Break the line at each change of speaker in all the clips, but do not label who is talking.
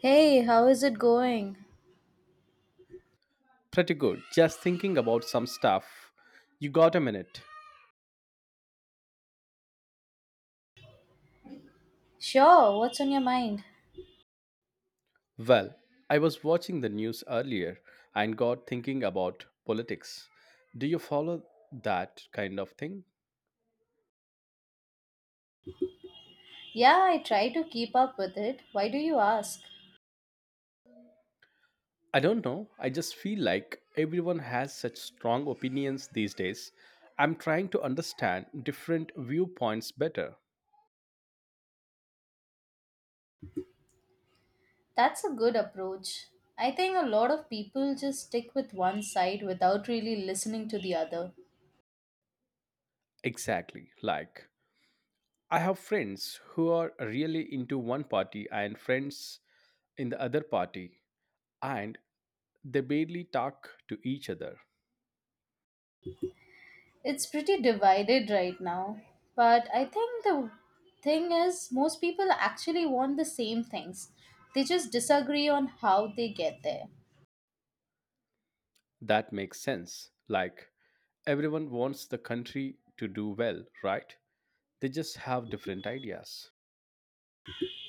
Hey, how is it going?
Pretty good. Just thinking about some stuff. You got a minute?
Sure, what's on your mind?
Well, I was watching the news earlier and got thinking about politics. Do you follow that kind of thing?
Yeah, I try to keep up with it. Why do you ask?
I don't know. I just feel like everyone has such strong opinions these days. I'm trying to understand different viewpoints better.
That's a good approach. I think a lot of people just stick with one side without really listening to the other.
Exactly. Like, I have friends who are really into one party and friends in the other party, and they barely talk to each other.
It's pretty divided right now. But I think the thing is, most people actually want the same things. They just disagree on how they get there.
That makes sense. Like, everyone wants the country to do well, right? They just have different ideas.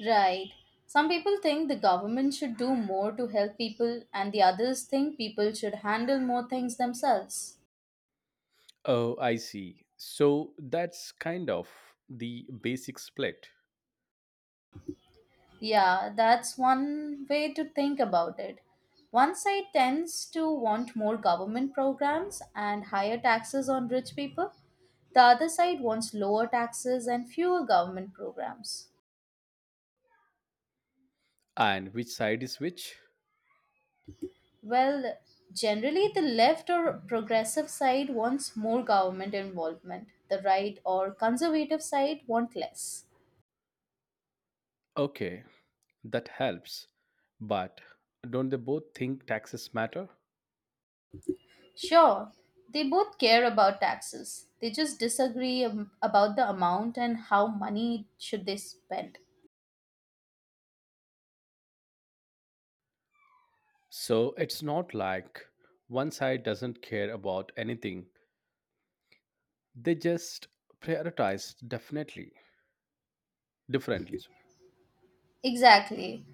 Right. Some people think the government should do more to help people, and the others think people should handle more things themselves.
Oh, I see. So that's kind of the basic split.
Yeah, that's one way to think about it. One side tends to want more government programs and higher taxes on rich people, the other side wants lower taxes and fewer government programs.
And which side is which?
Well, generally, the left or progressive side wants more government involvement, the right or conservative side want less.
Okay, that helps. But don't they both think taxes matter?
Sure, they both care about taxes. They just disagree about the amount and how money should they spend.
So it's not like one side doesn't care about anything. They just prioritize definitely differently.
Exactly.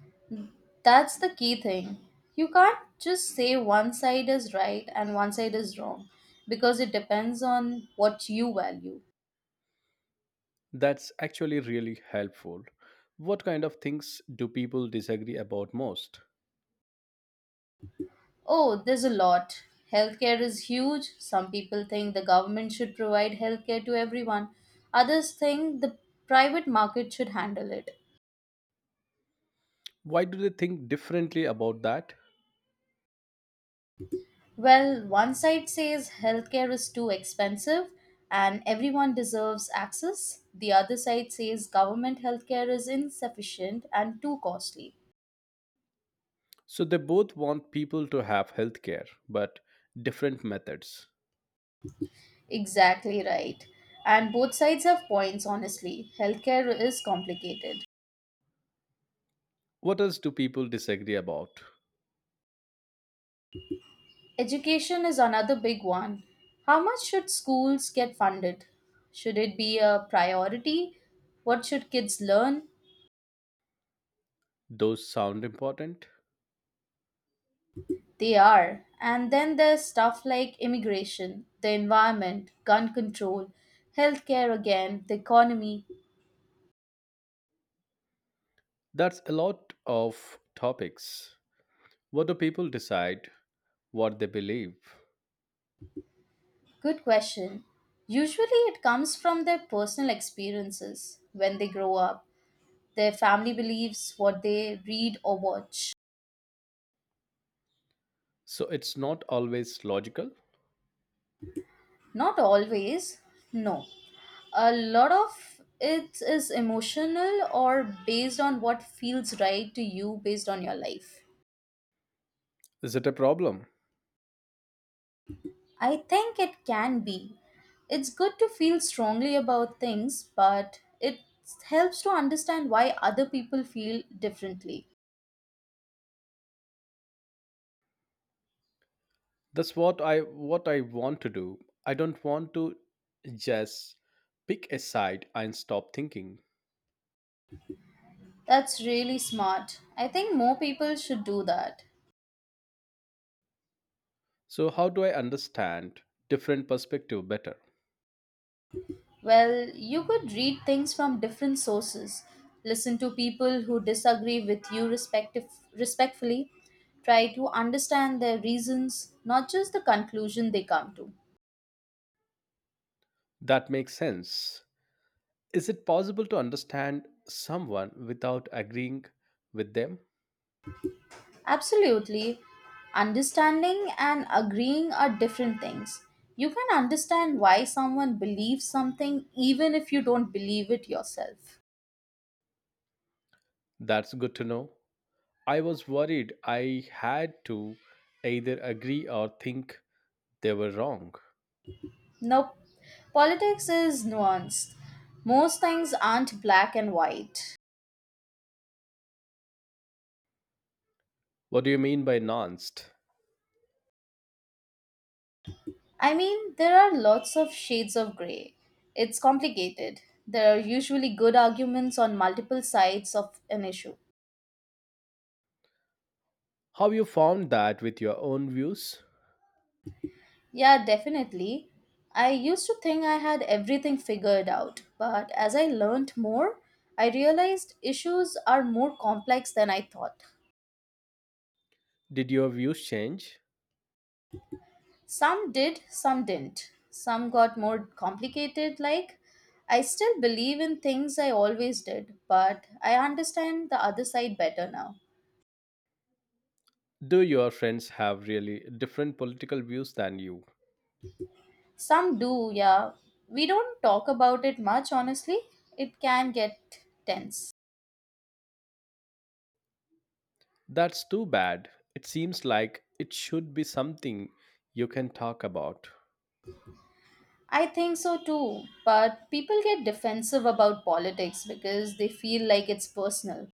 That's the key thing. You can't just say one side is right and one side is wrong because it depends on what you value.
That's actually really helpful. What kind of things do people disagree about most?
Oh, there's a lot. Healthcare is huge. Some people think the government should provide healthcare to everyone. Others think the private market should handle it.
Why do they think differently about that?
Well, one side says healthcare is too expensive and everyone deserves access. The other side says government healthcare is insufficient and too costly.
So they both want people to have healthcare, but different methods.
Exactly right. And both sides have points, honestly. Healthcare is complicated.
What else do people disagree about?
Education is another big one. How much should schools get funded? Should it be a priority? What should kids learn?
Those sound important?
They are. And then there's stuff like immigration, the environment, gun control, healthcare again, the economy.
That's a lot of topics. What do people decide? What they believe?
Good question. Usually it comes from their personal experiences when they grow up, their family beliefs, what they read or watch.
So it's not always logical.
Not always, no. A lot of it is emotional or based on what feels right to you based on your life.
Is it a problem?
I think it can be. It's good to feel strongly about things, but it helps to understand why other people feel differently.
That's what I want to do. I don't want to just pick a side and stop thinking.
That's really smart. I think more people should do that.
So how do I understand different perspective better?
Well, you could read things from different sources, listen to people who disagree with you respectfully, try to understand their reasons, not just the conclusion they come to.
That makes sense. Is it possible to understand someone without agreeing with them?
Absolutely. Understanding and agreeing are different things. You can understand why someone believes something even if you don't believe it yourself.
That's good to know. I was worried I had to either agree or think they were wrong.
Nope. Politics is nuanced. Most things aren't black and white.
What do you mean by nuanced?
I mean, there are lots of shades of grey. It's complicated. There are usually good arguments on multiple sides of an issue.
How you found that with your own views?
Yeah, definitely. I used to think I had everything figured out, but as I learned more, I realized issues are more complex than I thought.
Did your views change?
Some did, some didn't. Some got more complicated, like I still believe in things I always did, but I understand the other side better now.
Do your friends have really different political views than you?
Some do, yeah. We don't talk about it much, honestly. It can get tense.
That's too bad. It seems like it should be something you can talk about.
I think so too, but people get defensive about politics because they feel like it's personal.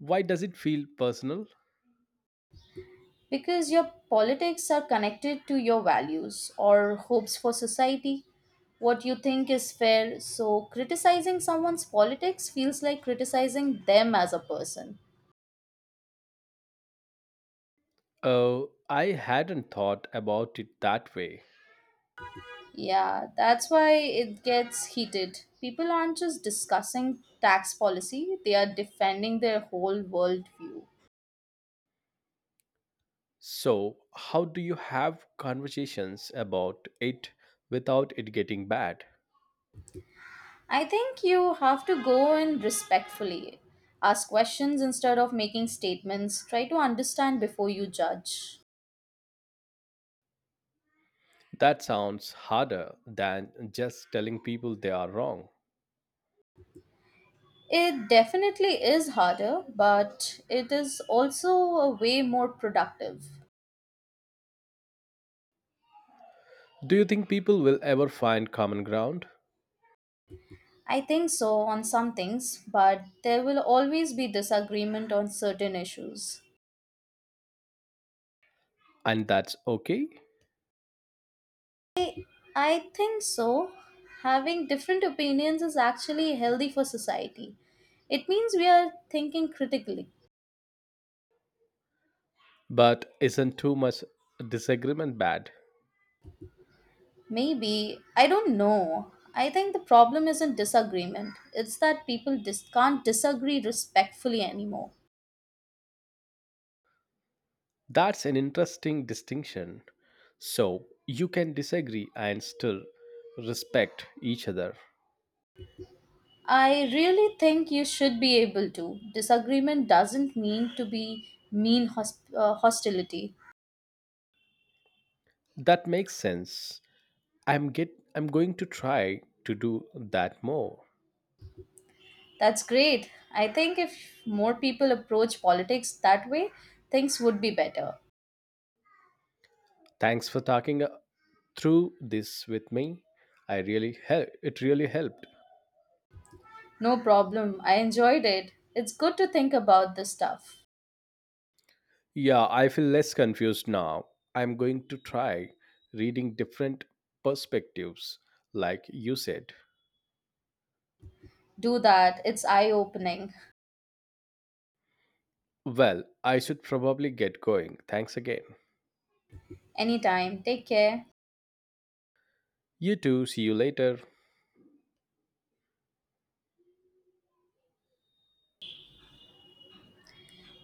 Why does it feel personal?
Because your politics are connected to your values or hopes for society, what you think is fair, so criticizing someone's politics feels like criticizing them as a person.
Oh, I hadn't thought about it that way.
Yeah, that's why it gets heated. People aren't just discussing tax policy, they are defending their whole worldview.
So how do you have conversations about it without it getting bad?
I think you have to go in respectfully. Ask questions instead of making statements. Try to understand before you judge.
That sounds harder than just telling people they are wrong.
It definitely is harder, but it is also a way more productive.
Do you think people will ever find common ground?
I think so on some things, but there will always be disagreement on certain issues.
And that's okay?
I think so. Having different opinions is actually healthy for society. It means we are thinking critically.
But isn't too much disagreement bad?
Maybe. I don't know. I think the problem isn't disagreement, it's that people can't disagree respectfully anymore.
That's an interesting distinction. So you can disagree and still respect each other.
I really think you should be able to. Disagreement doesn't mean to be mean hostility.
That makes sense. I'm going to try to do that more.
That's great. I think if more people approach politics that way, things would be better.
Thanks for talking through this with me. I really help it really helped.
No problem. I enjoyed it. It's good to think about this stuff.
Yeah, I feel less confused now. I'm going to try reading different perspectives like you said.
Do that. It's eye opening.
Well, I should probably get going. Thanks again.
Anytime. Take care.
You too. See you later.